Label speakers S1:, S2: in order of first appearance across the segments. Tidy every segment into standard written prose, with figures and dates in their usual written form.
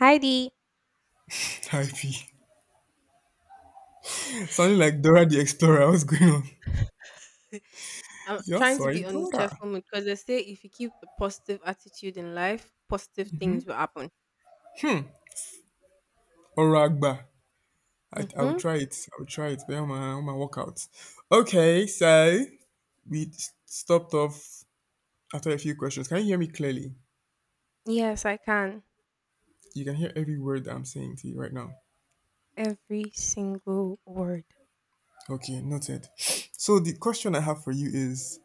S1: Heidi.
S2: Taipei. Sounding like Dora the Explorer. What's going on?
S1: I'm
S2: You're
S1: trying to
S2: sorry,
S1: be on the
S2: Dora.
S1: cheerful mood because they say if you keep a positive attitude in life, positive things will happen.
S2: Or Ragba. I will
S1: Mm-hmm.
S2: try it. I will try it. But on my workout. Okay, so stopped off after a few questions. Can you hear me clearly?
S1: Yes, I can.
S2: You can hear every word I'm saying to you right now.
S1: Every single word.
S2: Okay, noted. So the question I have for you is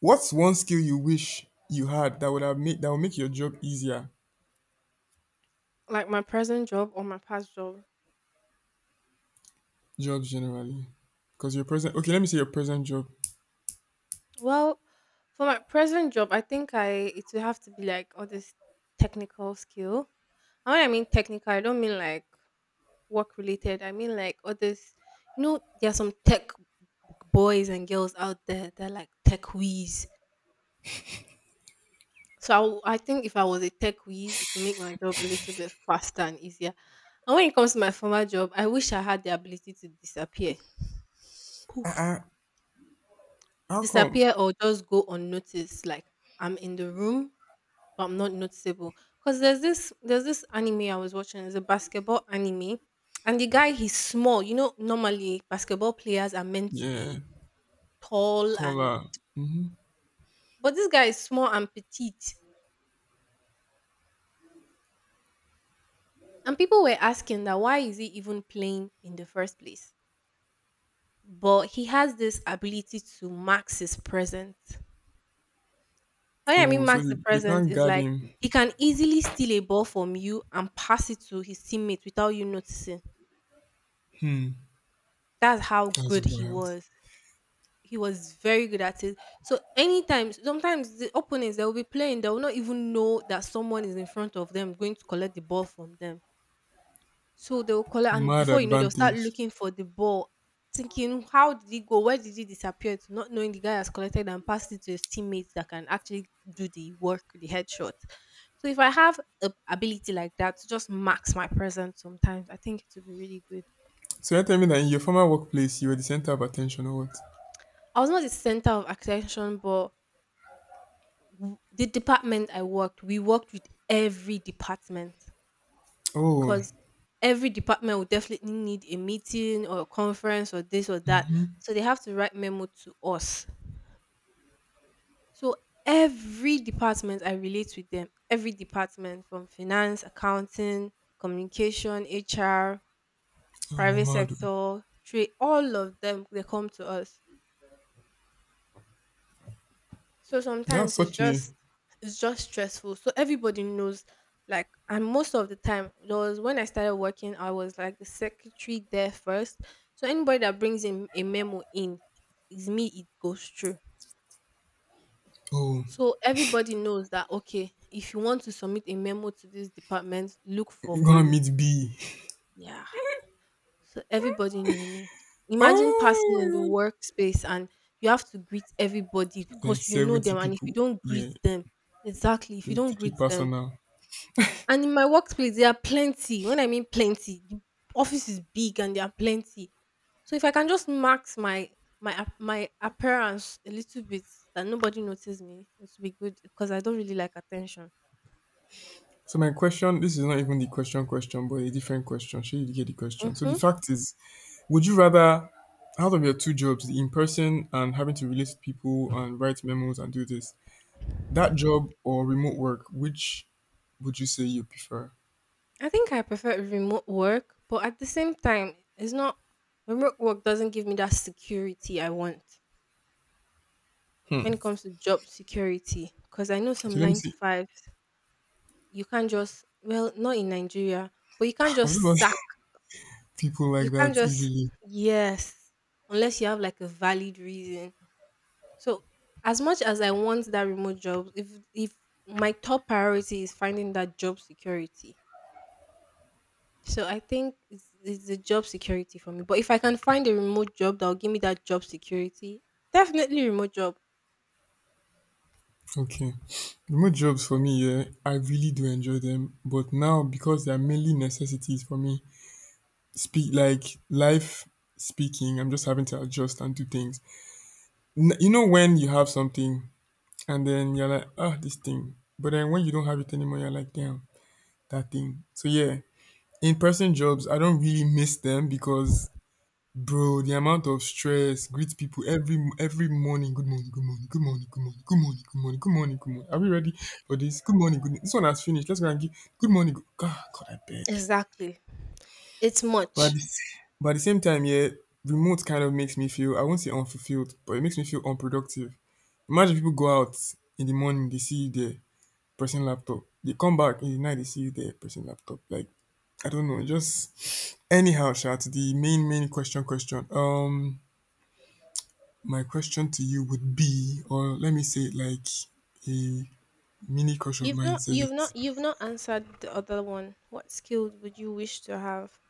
S2: what's one skill you wish you had that would make your job easier?
S1: Like my present job or my past job.
S2: Jobs generally. Because your present, okay, let me say your present job.
S1: Well, for my present job, I think I it will have to be like all this technical skill. And when I mean technical, I don't mean like work related. I mean like all this. You know, there are some tech boys and girls out there. They're like tech whiz. So I think if I was a tech whiz, it would make my job a little bit faster and easier. And when it comes to my former job, I wish I had the ability to disappear, poof,
S2: Uh-uh. How come?
S1: disappear or just go unnoticed. Like I'm in the room, but I'm not noticeable. Cause there's this anime I was watching. It's a basketball anime, and the guy he's small. You know, normally basketball players are meant to
S2: Yeah,
S1: be tall and,
S2: taller.
S1: but this guy is small and petite. And people were asking that why is he even playing in the first place? But he has this ability to max his present. What I
S2: Oh,
S1: mean
S2: so
S1: max the
S2: he, they
S1: present
S2: can't
S1: is
S2: guard
S1: like
S2: him.
S1: he can easily steal a ball from you and pass it to his teammate without you noticing.
S2: Hmm,
S1: That's how
S2: that's
S1: good he
S2: wild.
S1: was. He was very good at it. So anytime, sometimes the opponents that will be playing, they will not even know that someone is in front of them going to collect the ball from them. So they will collect and
S2: Mad
S1: before you know they'll start
S2: advantage.
S1: looking for the ball, thinking how did it go? Where did it disappear to? Not knowing the guy has collected and passed it to his teammates that can actually do the work, the headshot. So if I have a ability like that to just max my presence sometimes, I think it would be really good.
S2: So you're telling me that in your former workplace, you were the center of attention or what?
S1: I was not the center of attention, but the department I worked, we worked with every department.
S2: Oh,
S1: 'Cause every department will definitely need a meeting or a conference or this or that. So they have to write memo to us. So every department I relate with them, every department from finance, accounting, communication, HR,
S2: oh,
S1: private
S2: Momado.
S1: sector, trade, all of them they come to us. So
S2: That's
S1: sometimes
S2: such a.
S1: it's just stressful. So everybody knows like and most of the time there was when I started working, I was like the secretary there first. So anybody that brings in a memo in is me, it goes through.
S2: Oh,
S1: So everybody knows that okay, if you want to submit a memo to this department, look for
S2: go and
S1: Bolu.
S2: meet B.
S1: Yeah. So everybody knew me. Imagine passing in the
S2: Oh
S1: workspace and you have to greet everybody
S2: my god. Like
S1: because you know
S2: 70
S1: them and if you
S2: people.
S1: don't greet
S2: Yeah,
S1: them exactly if you
S2: they'll
S1: don't
S2: take it
S1: greet them.
S2: personal.
S1: And in my workplace, there are plenty. When I mean plenty, the office is big and there are plenty. So if I can just max my my appearance a little bit that nobody notices me, it will be good because I don't really like attention.
S2: So my question, this is not even the question question, but a different question. Sure, you get the question. So the
S1: Mm-hmm.
S2: fact is, would you rather, out of your two jobs, the in person and having to relate to people and write memos and do this, that job or remote work, which would you say you prefer?
S1: I think I prefer remote work, but at the same time, it's not remote work doesn't give me that security I want
S2: Hmm.
S1: when it comes to job security. Because I know
S2: Okay,
S1: some
S2: let me
S1: nine
S2: see.
S1: to five, you can't just well not in Nigeria, but you can't
S2: I'm just about
S1: just sack.
S2: people
S1: You
S2: like
S1: can't
S2: that
S1: just
S2: easily.
S1: yes, unless you have like a valid reason. So as much as I want that remote job, if my top priority is finding that job security. So I think it's the job security for me. But if I can find a remote job that will give me that job security, definitely remote job.
S2: Okay. Remote jobs for me, yeah, I really do enjoy them. But now because they are mainly necessities for me, speak like life speaking, I'm just having to adjust and do things. N- You know when you have something and then you're like, ah, this thing. But then when you don't have it anymore, you're like, damn, that thing. So yeah, in-person jobs, I don't really miss them because, bro, the amount of stress, greet people every morning. Good morning, good morning, good morning, good morning, good morning, good morning, good morning, good morning. Are we ready for this? Good morning, good. This one has finished. Let's go and give. Good morning. Good, God, God, I beg.
S1: Exactly. It's
S2: But at
S1: much.
S2: the, s- but at the same time, yeah, remote kind of makes me feel, I won't say unfulfilled, but it makes me feel unproductive. Imagine people go out in the morning, they see you there pressing laptop. They come back in the night, they see you there pressing laptop. Like, I don't know, just anyhow, Sha, to the main, main question, question. My question to you would be, or let me say, it like a mini crush of
S1: You've
S2: mine
S1: not
S2: says
S1: you've
S2: it.
S1: not you've not answered the other one. What skills would you wish to have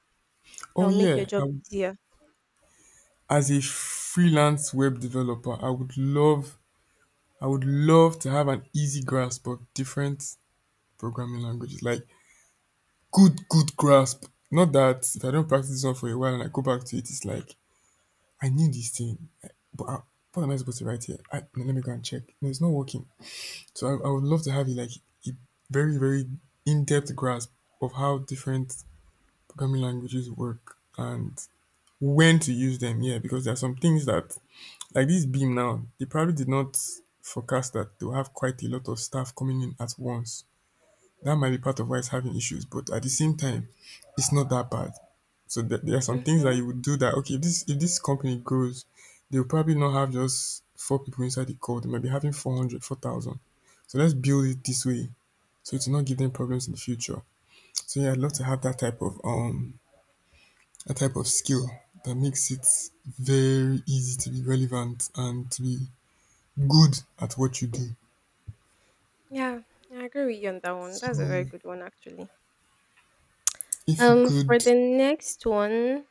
S1: that
S2: Oh
S1: will make your
S2: yeah, I
S1: job
S2: w
S1: easier?
S2: As a freelance web developer, I would love, to have an easy grasp of different programming languages, like good grasp. Not that if I don't practice this one for a while and I go back to it, it's like I need this thing, but I, what am I supposed to write here? I, no, let me go and check. No, it's not working. So I would love to have, you like, a very, very in depth grasp of how different programming languages work and when to use them. Yeah, because there are some things that, like this Beam now, they probably did not forecast that they'll have quite a lot of staff coming in at once, that might be part of why it's having issues. But at the same time, it's not that bad. So there are some things that
S1: Mhm.
S2: you would do that, okay, if this company grows, they'll probably not have just four people inside the call. They might be having 400, 4,000. So let's build it this way so to not give them problems in the future. So yeah, I'd love to have that type of a type of skill that makes it very easy to be relevant and to be good at what you do.
S1: Yeah, I agree with you on that one.
S2: So
S1: That's a very good one, actually.
S2: if you
S1: For
S2: could,
S1: the next one,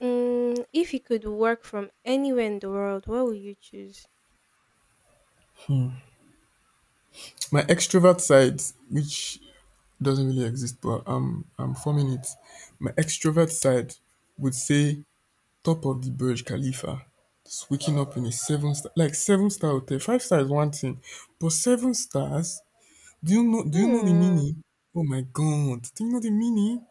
S1: mm, if you could work from anywhere in the world, what would you choose?
S2: my extrovert side, which doesn't really exist, but I'm forming it. My extrovert side would say top of the Burj Khalifa, just waking up in a seven-star, like seven-star hotel. Five star is one thing, but seven stars. Do you know? Do you know the
S1: Hmm.
S2: meaning? Oh my god! Do you know the meaning?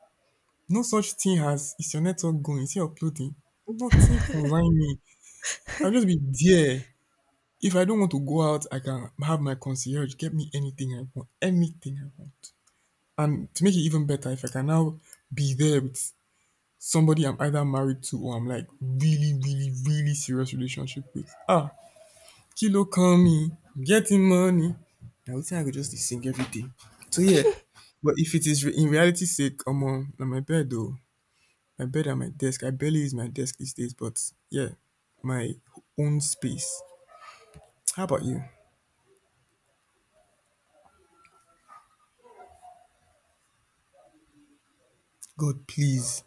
S2: No such thing as, is your network going? Is it uploading? Nothing consign me. I'll just be there. If I don't want to go out, I can have my concierge get me anything I want. Anything I want. And to make it even better, if I can now be there with somebody I'm either married to or I'm like really, really, really serious relationship with. Ah, Kilo call me, I'm getting money. Now we think I could just dey sing every day. So yeah, but if it is in reality sake, omo, na my bed though. My bed and my desk. I barely use my desk these days, but yeah, my own space. How about you? God, please,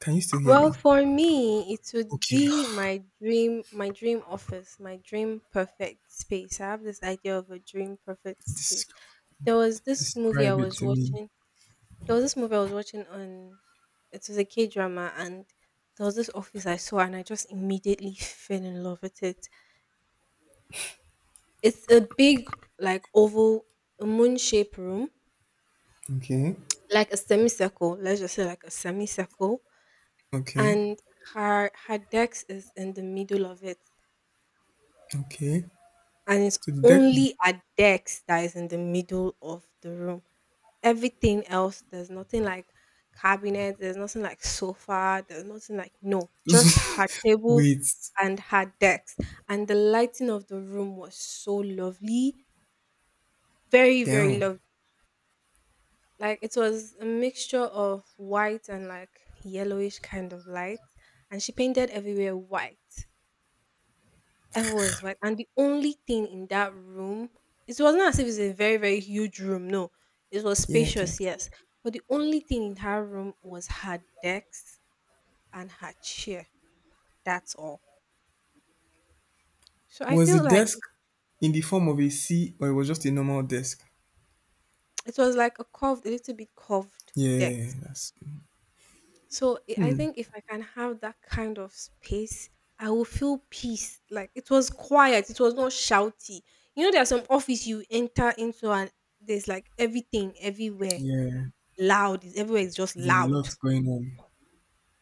S2: can you still hear
S1: Well,
S2: me?
S1: for me, it would
S2: Okay,
S1: be my dream office, my dream perfect space. I have this idea of a dream perfect
S2: Des-
S1: space. There was this movie I
S2: describe it
S1: was
S2: to me.
S1: watching. There was this movie I was watching on. It was a K drama, and there was this office I saw, and I just immediately fell in love with it. It's a big, like oval, moon shaped room,
S2: Okay.
S1: like a semicircle. Let's just say like a semicircle,
S2: Okay,
S1: and her desk is in the middle of it
S2: okay.
S1: and it's
S2: So the desk.
S1: only a desk that is in the middle of the room. Everything else, there's nothing like cabinet, there's nothing like sofa, there's nothing like no, just her table
S2: Wait,
S1: and her desk. And the lighting of the room was so lovely, very, very
S2: down.
S1: lovely. Like it was a mixture of white and like yellowish kind of light, and she painted everywhere white. Everywhere is white, and the only thing in that room, it was not as if it's a very, very huge room. No, it was
S2: Yeah, I get.
S1: spacious, yes. But the only thing in her room was her desk and her chair. That's all. So I
S2: Was the
S1: feel like
S2: desk
S1: it
S2: in the form of a C or it was just a normal desk?
S1: it was like a curved, a little bit curved deck.
S2: Yeah, that's.
S1: So I
S2: Hmm.
S1: think if I can have that kind of space, I will feel peace. Like it was quiet, it was not shouty. You know, there are some office you enter into and there's like everything everywhere.
S2: Yeah,
S1: Loud, it's everywhere. It's just
S2: there's a lot
S1: loud.
S2: going on.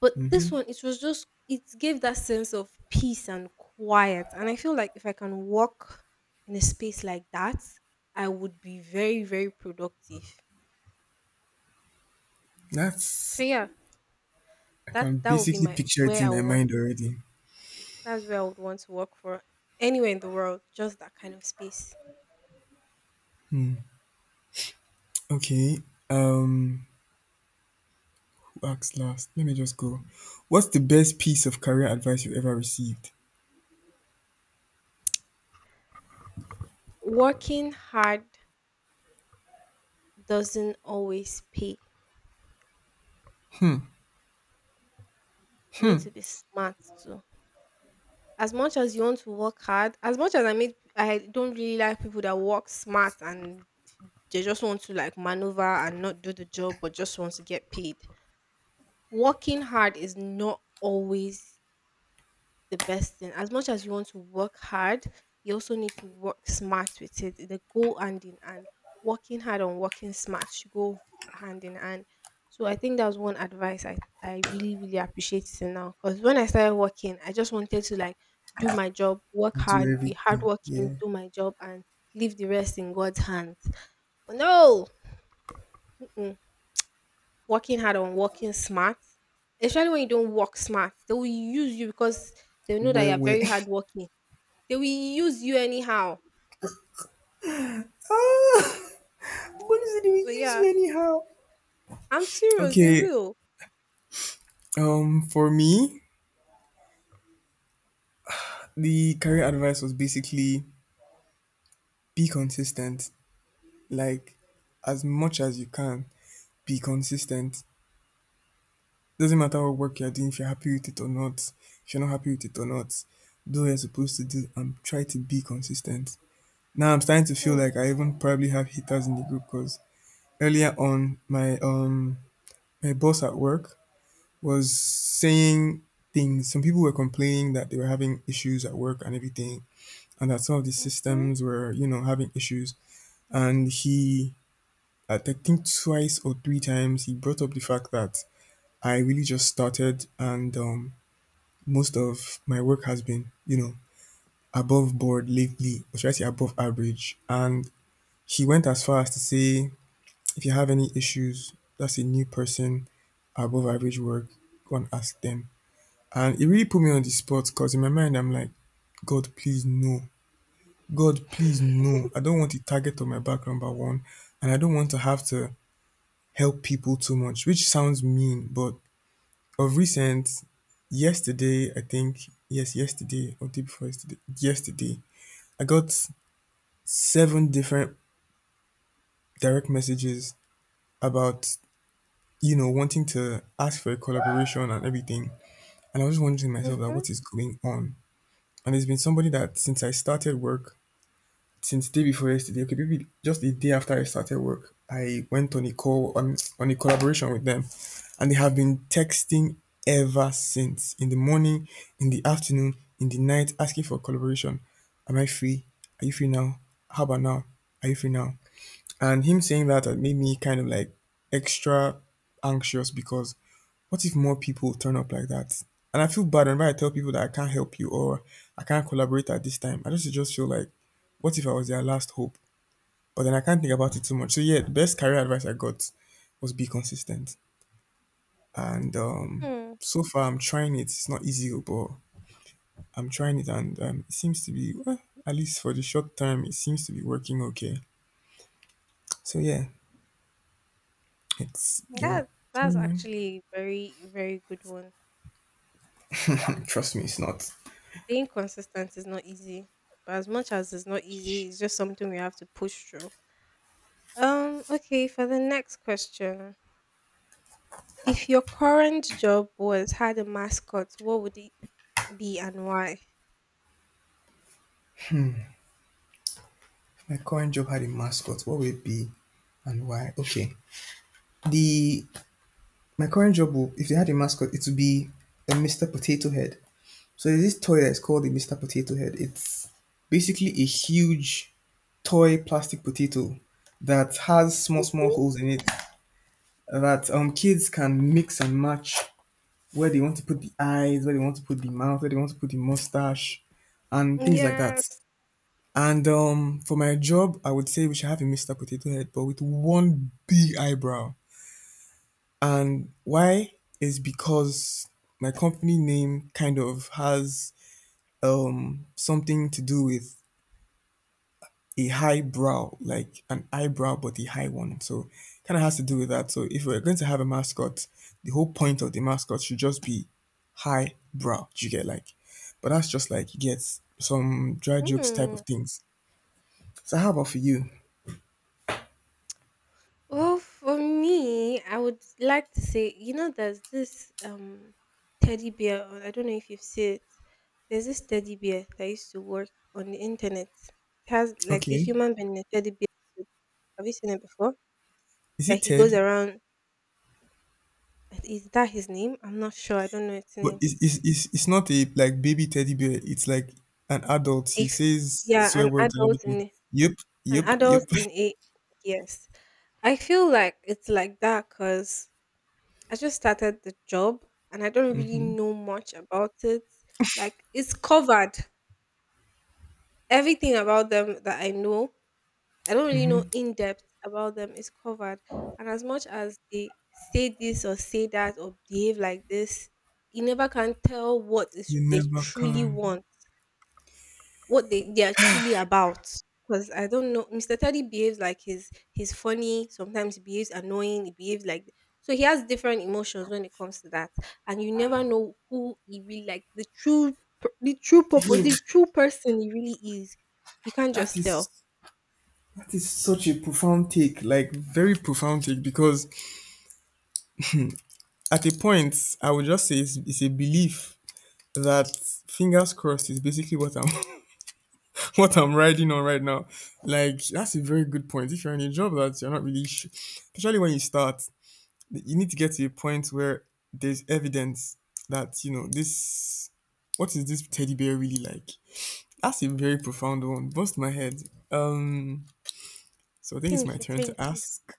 S1: But
S2: Mm-hmm.
S1: this one, it was just it gave that sense of peace and quiet. And I feel like if I can walk in a space like that, I would be very, very productive.
S2: That's.
S1: So yeah,
S2: I
S1: that
S2: can
S1: that would be
S2: basically
S1: my
S2: picture it
S1: where
S2: in
S1: I
S2: my
S1: would want
S2: mind already.
S1: that's where I would want to work for anywhere in the world, just that kind of space.
S2: Okay. Um. Who asked last? Let me just go. What's the best piece of career advice you ever received?
S1: Working hard doesn't always pay. You need to be smart too. As much as you want to work hard, as much as I mean, I don't really like people that work smart and they just want to like maneuver and not do the job but just want to get paid. Working hard is not always the best thing. As much as you want to work hard, you also need to work smart with it. They go hand in hand. Working hard and working smart should go hand in hand. So I think that was one advice I really, really appreciate till now. Because when I started working, I just wanted to like do my job, work
S2: Do
S1: hard, be
S2: everything.
S1: hardworking,
S2: Yeah.
S1: do my job and leave the rest in God's hands. But no, mm-mm. Working hard and working smart, especially when you don't work smart, they will use you because they know that
S2: Where
S1: you're
S2: where?
S1: very hardworking. They will use you anyhow.
S2: What is it they will
S1: But
S2: use you
S1: yeah,
S2: anyhow?
S1: I'm serious. They
S2: Okay,
S1: will.
S2: for me, the career advice was basically be consistent. Like, as much as you can, be consistent. Doesn't matter what work you're doing, if you're happy with it or not, if you're not happy with it or not, do what you're supposed to do and try to be consistent. Now I'm starting to feel like
S1: Mm.
S2: I even probably have haters in the group because earlier on, my my boss at work was saying things. Some people were complaining that they were having issues at work and everything, and that some of the
S1: Mhm.
S2: systems were, you know, having issues. And he, I think twice or three times, he brought up the fact that I really just started and, most of my work has been, you know, above board lately, or should I say above average. And he went as far as to say, if you have any issues, that's a new person, above average work, go and ask them. And it really put me on the spot because in my mind, I'm like, God, please, no. God, please, no. I don't want the target on my back, number one. And I don't want to have to help people too much, which sounds mean. But of recent, yesterday, I think, yes, yesterday or day before yesterday, yesterday, I got seven different direct messages about, you know, wanting to ask for a collaboration and everything. And I was just wondering to myself, like,
S1: Mhm.
S2: what is going on? And there's been somebody that since I started work, since the day before yesterday, okay, maybe just the day after I started work, I went on a call on a collaboration with them, and they have been texting ever since. In the morning, in the afternoon, in the night, asking for collaboration. Am I free? Are you free now? How about now? Are you free now? And him saying that had made me kind of like extra anxious because what if more people turn up like that? And I feel bad whenever I tell people that I can't help you or I can't collaborate at this time. I just feel like, what if I was their last hope? But then I can't think about it too much. So yeah, the best career advice I got was be consistent. And,
S1: Hmm.
S2: so far, I'm trying it. It's not easy, but I'm trying it, and, it seems to be, well, at least for the short term, it seems to be working okay. So yeah, it's your
S1: That that's
S2: turn, man.
S1: actually very very good one.
S2: Trust me, it's not.
S1: Being consistent is not easy, but as much as it's not easy, it's just something we have to push through. Okay, for the next question. If your current job was had a mascot, what would it be and why?
S2: My current job had a mascot. What will it be, and why? Okay, The my current job will, if they had a mascot, it would be a Mr. Potato Head. So there's this toy that's called the Mr. Potato Head. It's basically a huge toy plastic potato that has small small
S1: Mhm.
S2: holes in it that, um, kids can mix and match where they want to put the eyes, where they want to put the mouth, where they want to put the mustache, and things like that.
S1: Yes.
S2: And, um, for my job, I would say we should have a Mr. Potato Head, but with one big eyebrow. And why is because my company name kind of has, um, something to do with a high brow, like an eyebrow but a high one. So kind of has to do with that. So if we're going to have a mascot, the whole point of the mascot should just be high brow. Do you get like? But that's just like you get some dry jokes type of
S1: Hmm.
S2: things. So how about for you?
S1: Well, for me, I would like to say, you know, there's this teddy bear on, I don't know if you've seen it. There's this teddy bear that used to work on the internet. It has like a
S2: Okay.
S1: human being in a teddy bear suit. Have you seen it before?
S2: Is
S1: That
S2: it
S1: he goes
S2: Ted?
S1: around. Is that his name? I'm not sure. I don't know its
S2: But
S1: name.
S2: it's not a like baby teddy bear. It's like an adult. He
S1: If
S2: says
S1: yeah,
S2: swear words and everything. Yep,
S1: an
S2: yep,
S1: adult
S2: yep.
S1: in a yes. I feel like it's like that because I just started the job and I don't really
S2: hmm
S1: know much about it. Like it's covered. Everything about them that I know, I don't really know
S2: hmm.
S1: in depth about them is covered. And as much as they say this or say that or behave like this, you never can tell what is
S2: You
S1: they
S2: never
S1: truly
S2: can.
S1: want what they are truly about. Because I don't know, Mr. Teddy behaves like he's funny. Sometimes he behaves annoying. He behaves like so he has different emotions when it comes to that, and you never know who he really like the true purpose,
S2: Yo,
S1: the true person he really is. You can't
S2: that
S1: just
S2: is
S1: tell.
S2: that is such a profound take, like very profound take, because at a point I would just say it's a belief that fingers crossed is basically what I'm what I'm riding on right now. Like that's a very good point. If you're in a job that you're not really, especially when you start, you need to get to a point where there's evidence that you know this, what is this teddy bear really like? That's a very profound one, bust my head. um so I think it's my
S1: Thank you,
S2: turn to
S1: thank you.
S2: ask,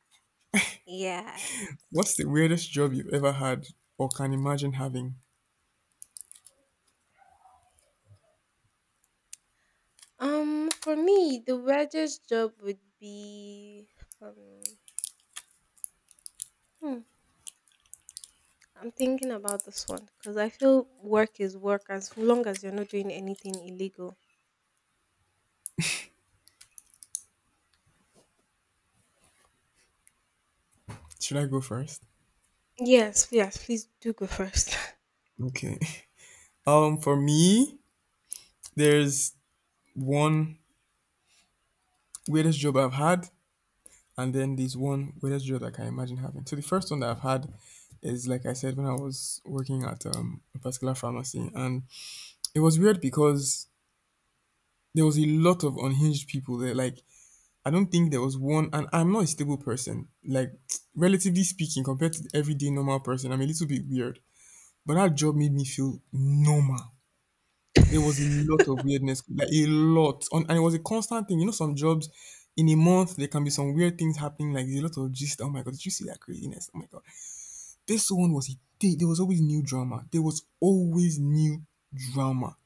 S1: Yes.
S2: what's the weirdest job you've ever had or can imagine having?
S1: For me, the weirdest job would be um. Hmm, I'm thinking about this one because I feel work is work as long as you're not doing anything illegal.
S2: Should I go first?
S1: Yes, yes, please do go first.
S2: Okay. For me, there's one weirdest job I've had, and then there's one weirdest job I can imagine having. So the first one that I've had is like I said, when I was working at a particular pharmacy, and it was weird because there was a lot of unhinged people there. Like, I don't think there was one, and I'm not a stable person. Like, relatively speaking, compared to the everyday normal person, I'm a little bit weird. But that job made me feel normal. There was a lot of weirdness, like a lot. On, and it was a constant thing. You know, some jobs in a month, there can be some weird things happening, like there's a lot of gist. Oh my God, did you see that craziness? Oh my God. This one was a day. There was always new drama. There was always new drama.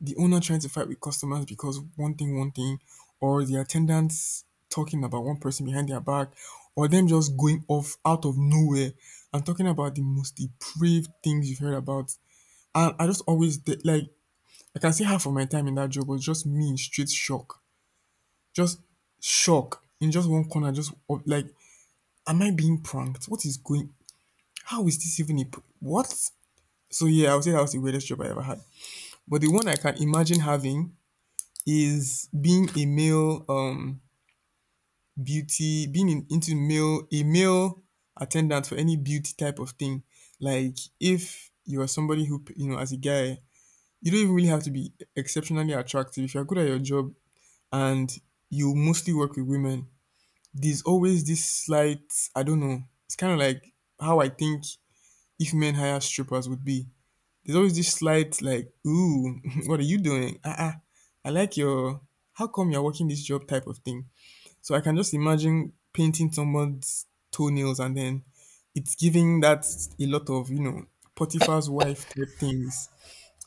S2: The owner trying to fight with customers because one thing, or the attendants talking about one person behind their back, or them just going off out of nowhere and talking about the most depraved things you've heard about. And I just always like, I can say half of my time in that job was just me in straight shock, just shock in just one corner, just like, am I being pranked? What is going? How is this even a what? So yeah, I would say that was the weirdest job I ever had. But the one I can imagine having is being a male beauty, being in, into male a male attendant for any beauty type of thing. Like, if you are somebody who, you know, as a guy, you don't even really have to be exceptionally attractive if you're good at your job, and you mostly work with women, there's always this slight, I don't know, it's kind of like how I think if men hire strippers would be. There's always this slight like, ooh, what are you doing? Uh-uh, I like your how come you're working this job type of thing? So I can just imagine painting someone's toenails, and then it's giving that a lot of, you know, Potiphar's wife type things.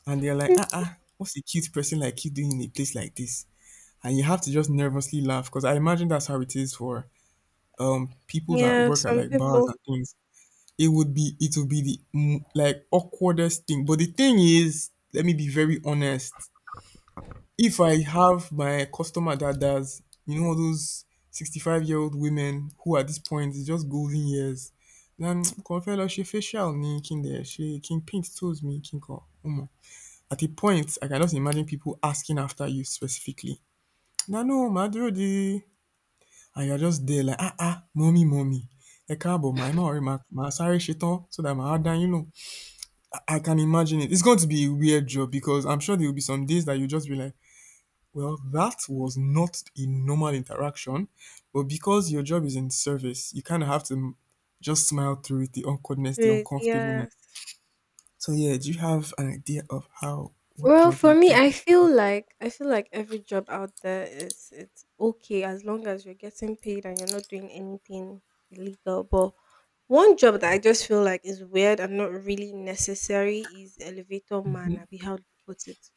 S2: And they're like, ah, ah, what's a cute person like you doing in a place like this? And you have to just nervously laugh because I imagine that's how it is for people that
S1: Yeah,
S2: work at
S1: some
S2: like bars
S1: people
S2: and things. It would be the like, awkwardest thing. But the thing is, let me be very honest, if I have my customer that does, you know, all those 65-year-old women who at this point is just golden years, then kò fẹ́ lọ facial ni kí n dẹ̀ ṣe paint toes me kí n kàn. At a point, I can just imagine people asking after you specifically. Na no, màá dúró de, and you are just there like, "Ah ah, mommy, mummy, ẹ káàbọ̀ my ma, or má worry ma, màá sáré so that my wá, you know." I can imagine it. It's going to be a weird job because I'm sure there will be some days that you'll just be like, well, that was not a normal interaction, but because your job is in service, you kind of have to just smile through it, the awkwardness,
S1: do
S2: the
S1: it.
S2: uncomfortableness.
S1: Yes.
S2: So yeah, do you have an idea of how, what
S1: Well,
S2: job
S1: for
S2: you
S1: me,
S2: think?
S1: I feel like every job out there is it's okay as long as you're getting paid and you're not doing anything illegal. But one job that I just feel like is weird and not really necessary is elevator man. I be, how do you put it?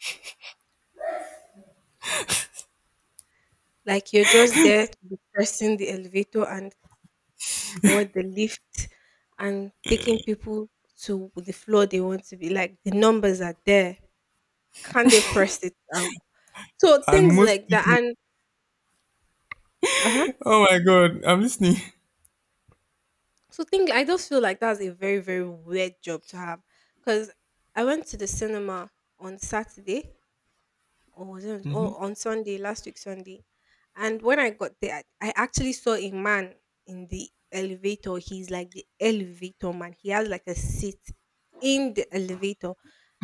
S1: Like you're just there to be pressing the elevator and or the lift and taking people to the floor they want to be, like, the numbers are there, can they press it out, so
S2: And
S1: things
S2: most
S1: like that
S2: people,
S1: and uh-huh,
S2: oh my God, I'm listening.
S1: so thing I just feel like that's a very very weird job to have. Because I went to the cinema on Saturday, or was it on, or on Sunday, last week Sunday. And when I got there, I actually saw a man in the elevator. He's like the elevator man. He has like a seat in the elevator.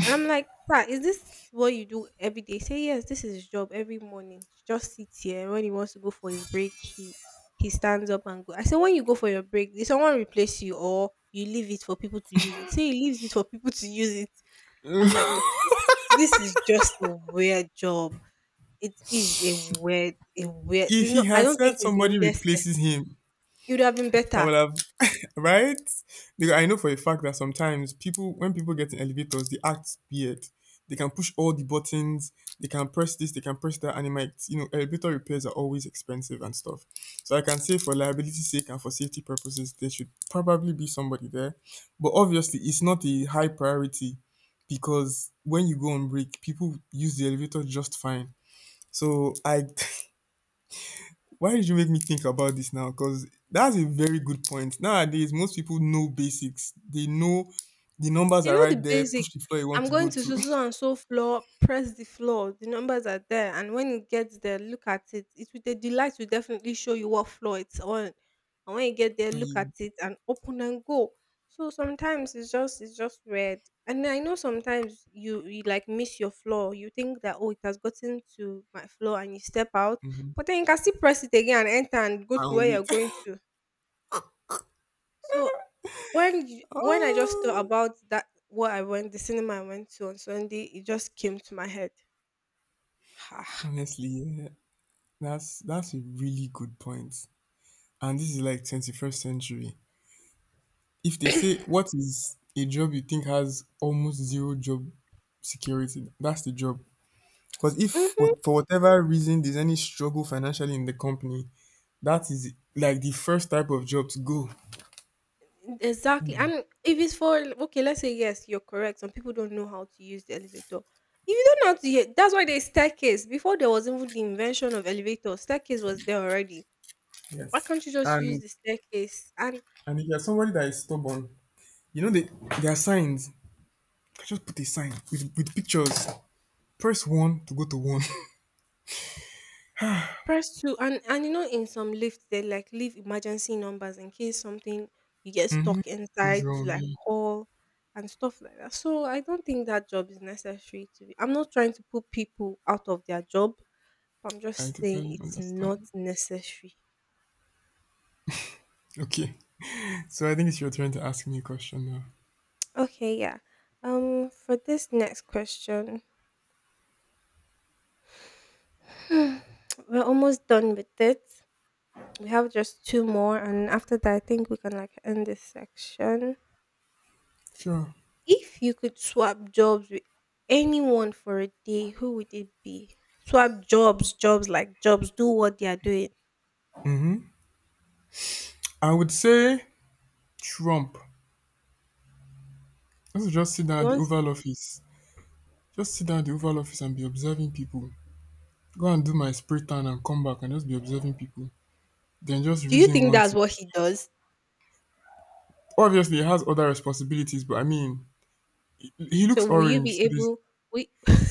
S1: And I'm like, sir, is this what you do every day? He say yes, this is his job every morning. He just sits here. When he wants to go for his break, he stands up and go. I said, when you go for your break, did someone replace you or you leave it for people to use it? Say he leaves it for people to use it. I'm like, okay. This is just a weird job. It is a weird
S2: If
S1: There's
S2: he
S1: no. I
S2: had
S1: don't think
S2: said
S1: it's
S2: somebody
S1: necessary.
S2: replaces him,
S1: You would have been
S2: I
S1: better.
S2: would have. Right? Because I know for a fact that sometimes people, when people get in elevators, they act weird. They can push all the buttons, they can press this, they can press that, and it might, you know, elevator repairs are always expensive and stuff. So I can say, for liability's sake and for safety purposes, there should probably be somebody there. But obviously, it's not a high priority because when you go on break, people use the elevator just fine. So I, why did you make me think about this now? Because that's a very good point. Nowadays, most people know basics. They know the numbers
S1: They
S2: are
S1: know
S2: right
S1: the
S2: there.
S1: basic.
S2: Push the floor you want
S1: I'm
S2: to go
S1: going to
S2: to,
S1: so so so, and so floor, press the floor. The numbers are there, and when it gets there, look at it. The light will definitely show you what floor it's on. And when you get there,
S2: and
S1: look at
S2: you,
S1: it and open and go. So sometimes it's just red. And I know sometimes you like miss your floor. You think that, oh, it has gotten to my floor and you step out,
S2: mhm,
S1: but then you can still press it again and enter and go to
S2: and
S1: where you're
S2: wait.
S1: going to. So when I just thought
S2: Oh,
S1: about that, the cinema I went to on Sunday, it just came to my head. Ah,
S2: honestly, yeah, that's a really good point. And this is like 21st century. If they say what is a job you think has almost zero job security, that's the job. Because if
S1: mhm.
S2: what, for whatever reason there's any struggle financially in the company, that is like the first type of job to go.
S1: Exactly. And if it's for, okay, let's say yes, you're correct, some people don't know how to use the elevator. If you don't know how to use, that's why there's staircase. Before there was even the invention of elevator, staircase was there already. Why
S2: Yes.
S1: can't you just use
S2: And
S1: the staircase? And
S2: and if you're somebody that is stubborn, you know, they, there are signs. You can just put a sign with pictures. Press one to go to one.
S1: press two and in some lifts they like leave emergency numbers in case something you get stuck
S2: Goes
S1: inside, to
S2: wrong.
S1: like
S2: Yeah.
S1: call and stuff like that. So I don't think that job is necessary to be. I'm not trying to put people out of their job, but I'm
S2: I
S1: just saying
S2: totally
S1: it's not
S2: understand.
S1: necessary.
S2: Okay. So I think it's your turn to ask me a question now.
S1: Okay, yeah. For this next question, we're almost done with it. We have just two more and after that I think we can like end this section.
S2: Sure.
S1: If you could swap jobs with anyone for a day, who would it be? Swap jobs, jobs like jobs, do what they are doing.
S2: I would say Trump. Let's just sit down
S1: You
S2: at the
S1: want.
S2: Oval Office. Just sit down at the Oval Office and be observing people. Go and do my spray tan and come back and just be observing people. Then just
S1: Do you
S2: reason
S1: think
S2: one
S1: that's
S2: thing.
S1: what he does?
S2: Obviously, he has other responsibilities, but I mean, he
S1: So
S2: looks
S1: will you
S2: orange.
S1: be
S2: So this,
S1: able, we.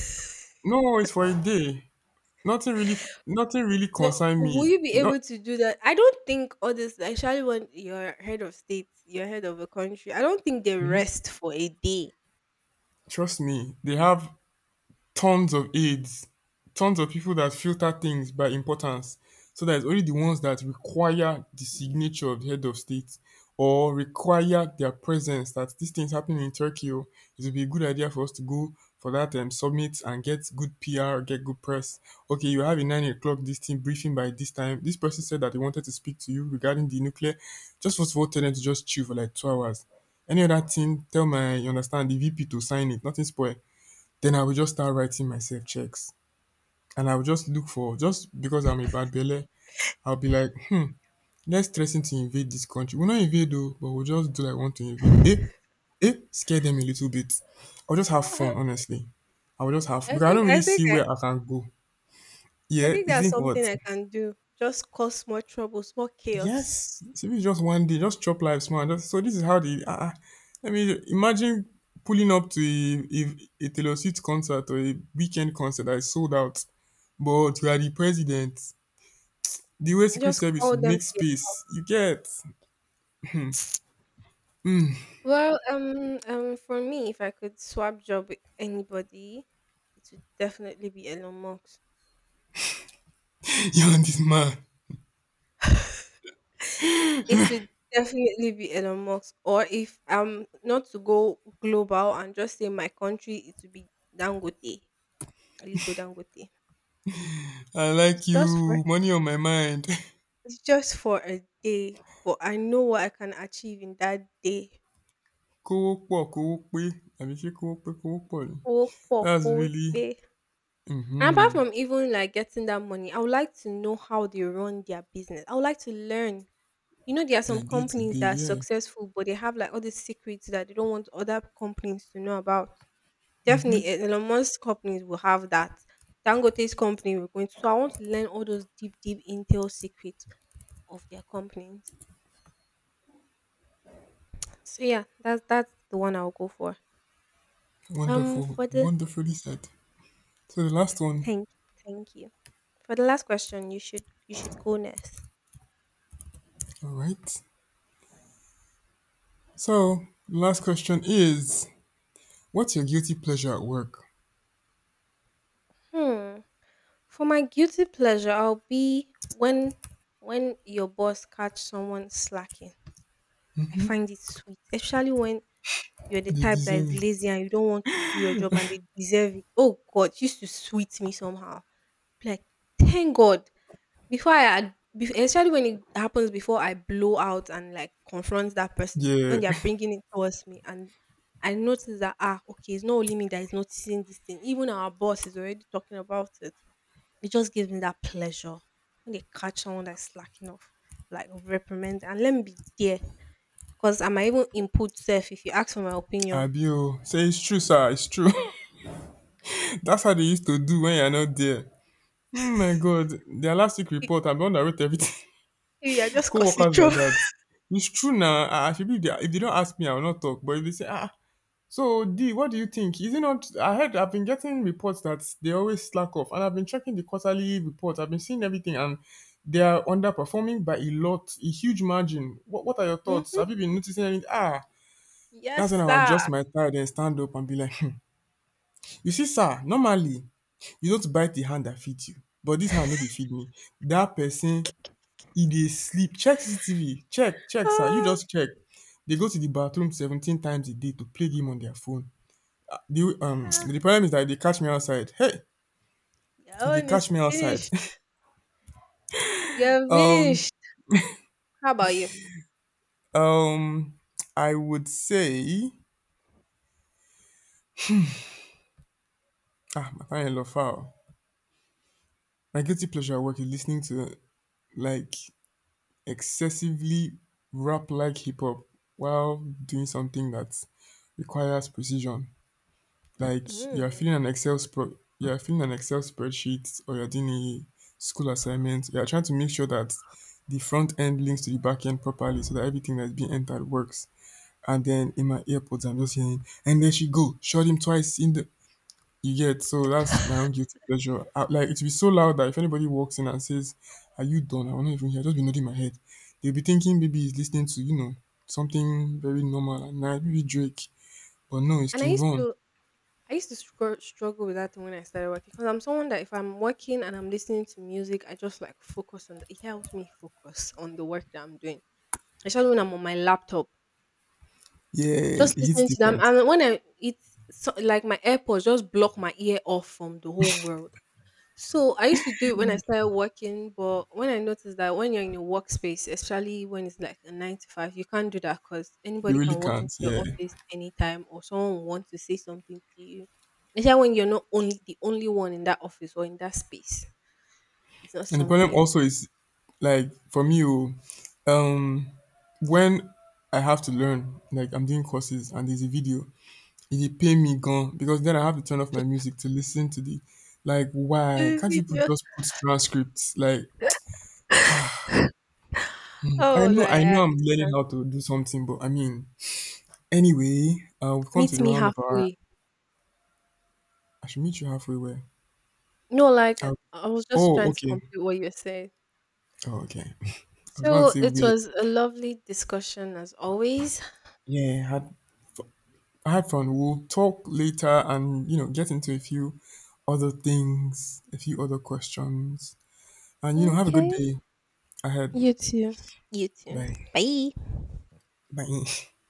S2: no, it's for a day. Nothing really, nothing really
S1: But
S2: concern
S1: will
S2: me.
S1: you be
S2: Not,
S1: able to do that? I don't think, honestly, especially when you're head of state, you're head of a country, I don't think they
S2: hmm
S1: rest for a day.
S2: trust me. They have tons of aids, tons of people that filter things by importance, so that it's only the ones that require the signature of the head of state or require their presence. That these thing's happening in Turkey, oh, it would be a good idea for us to go for that summit and get good PR, get good press. Okay, you have a 9 o'clock this team briefing by this time. This person said that they wanted to speak to you regarding the nuclear. Just first of all, tell them to just chill for like 2 hours. Any other thing, tell my, you understand, the VP to sign it, nothing spoil. Then I will just start writing myself checks. And I will just look for, just because I'm a bad belle, I'll be like, hmm, let's threaten to invade this country. We'll not invade though, but we'll just do like want to invade. Eh? Eh? Scare them a little bit. I'll just have
S1: Uh,
S2: fun, honestly. I will just have,
S1: I
S2: because I don't
S1: think
S2: really
S1: I think
S2: see
S1: I,
S2: where I can go.
S1: I
S2: Yeah,
S1: think
S2: you
S1: that's
S2: think
S1: something
S2: what?
S1: I can do. Just cause more troubles, more chaos.
S2: Yes, so it's just one day, just chop life small. Just, so this is how the I mean, imagine pulling up to a Taylor Swift concert or a weekend concert that is sold out, but you are the president. The way secret
S1: Just
S2: service
S1: call
S2: would
S1: them
S2: make
S1: to
S2: space, you get.
S1: you. Well, for me, if I could swap job with anybody, it would definitely be Elon Musk.
S2: You and this man,
S1: It would definitely be Elon Musk. Or if I'm not to go global and just say my country, it would be Dangote, Aliko Dangote.
S2: I
S1: It's
S2: like
S1: just for
S2: you, money on my mind.
S1: it's just for a day, but I know what I can achieve in that day.
S2: Kówó pọ̀ kówó pé, àbí ṣé kówó pé kówó pọ̀ ni?
S1: Oh, po-
S2: That's
S1: oh,
S2: really,
S1: eh. And
S2: mm-hmm.
S1: apart from even like getting that money, I would like to know how they run their business. I would like to learn. You know, there are some
S2: Yeah, day to
S1: companies
S2: day,
S1: that are
S2: yeah.
S1: successful, but they have like all these secrets that they don't want other companies to know about. Definitely, E- Elon Musk companies will have that. Dangote's company will going to. So I want to learn all those deep, deep intel secrets of their companies. So yeah, that's the one I'll go for.
S2: Wonderful,
S1: For the
S2: wonderfully said. So the last one.
S1: thank, thank you. For the last question, you should go next.
S2: All right, so last question is, what's your guilty pleasure at work?
S1: Hmm. For my guilty pleasure, I'll be when your boss catch someone slacking. I find it sweet, especially when you're the
S2: They
S1: type that
S2: deserve
S1: is
S2: it,
S1: lazy and you don't want to do your job and they deserve it. Oh God, it used to sweet me somehow. Be like, thank God. Before I, ad- bef- Especially when it happens before I blow out and like confront that person
S2: yeah.
S1: when they are bringing it towards me, and I notice that, ah, okay, it's not only me that is noticing this thing. Even our boss is already talking about it. It just gives me that pleasure when they catch someone that's slacking off, like reprimand, and let me be there. Cause I might even input self if you ask for my opinion.
S2: Abio say it's true, sir, it's true. That's how they used to do when you're not there. Oh my God, their last week
S1: You
S2: report, I'm the one that wrote everything.
S1: you are just
S2: Co
S1: causing
S2: workers like
S1: trouble.
S2: that. It's true now. I should be there. If they don't ask me, I will not talk. But if they say, ah, so D, what do you think? Is it not? I heard, I've been getting reports that they always slack off, and I've been checking the quarterly reports. I've been seeing everything, and they are underperforming by a lot, a huge margin. What are your thoughts?
S1: Mhm.
S2: Have you been noticing anything? Ah, that's when
S1: Yes,
S2: I will
S1: sir.
S2: adjust my tie and stand up and be like, you see, sir, normally, you don't bite the hand that feeds you, but this hand no dey feed me. That person, e dey sleep. Check CCTV, check sir, you just check. They go to the bathroom 17 times a day to play game on their phone. The
S1: Ah,
S2: The
S1: ah,
S2: problem is that e dey catch me outside. Hey!
S1: your
S2: E dey
S1: own
S2: catch
S1: is
S2: me outside.
S1: finished. You're
S2: Um
S1: finished. How about you?
S2: um I would say, ah, my final in foul. My guilty pleasure at work is listening to, like, excessively rap-like hip-hop while doing something that requires precision. Like, you're
S1: Mm.
S2: filling an excel you're filling an excel spreadsheet, or you're doing a school assignment, you're trying to make sure that the front end links to the back end properly, so that everything that's being entered works, and then in my earpods I'm just hearing, and there she go, shot him twice in the, you get. So that's my own guilty pleasure. I, like, it'll be so loud that if anybody walks in and says, are you done, I will not even hear. I'll just be nodding my head. They'll be thinking maybe he's listening to, you know, something very normal and nice, maybe Drake, but no, it's
S1: And I
S2: King
S1: used
S2: Von.
S1: to I used to struggle with that thing when I started working, because I'm someone that if I'm working and I'm listening to music, I just like focus on the, it helps me focus on the work that I'm doing. I started when I'm on my laptop,
S2: Yeah,
S1: just
S2: it hits
S1: listening to them.
S2: different.
S1: And when I, it's so, like my AirPods just block my ear off from the whole world. So I used to do it when I started working, but when I noticed that when you're in a workspace, especially when it's like a 9 to 5, you can't do that, because
S2: You
S1: anybody can
S2: really
S1: walk
S2: can't,
S1: into your
S2: yeah.
S1: office anytime or someone wants to say something to you. Especially when you're not only the only one in that office or in that space. It's not
S2: And the
S1: something
S2: problem
S1: you
S2: also is, like, for me, oh, um, when I have to learn, like I'm doing courses and there's a video, it dey pain me gone, because then I have to turn off my music to listen to the, like, why
S1: do.
S2: can't you put,
S1: With,
S2: just put transcripts? Like, hmm, I
S1: oh,
S2: know,
S1: like I
S2: I'm learning
S1: understand.
S2: how to do something, but I mean, anyway, we've come to
S1: Meet
S2: the
S1: me
S2: round of our.
S1: halfway.
S2: I should meet you halfway. Where?
S1: No, like,
S2: I'll,
S1: I was just
S2: oh,
S1: trying to
S2: okay.
S1: complete what you said.
S2: Oh, okay. I was about to
S1: So
S2: say
S1: it
S2: weird.
S1: was a lovely discussion as always.
S2: Yeah, I had fun. We'll talk later and, you know, get into a few other things, a few other questions. And, you know, have a good
S1: Okay.
S2: day ahead.
S1: You too. You too.
S2: Bye.
S1: Bye.
S2: Bye.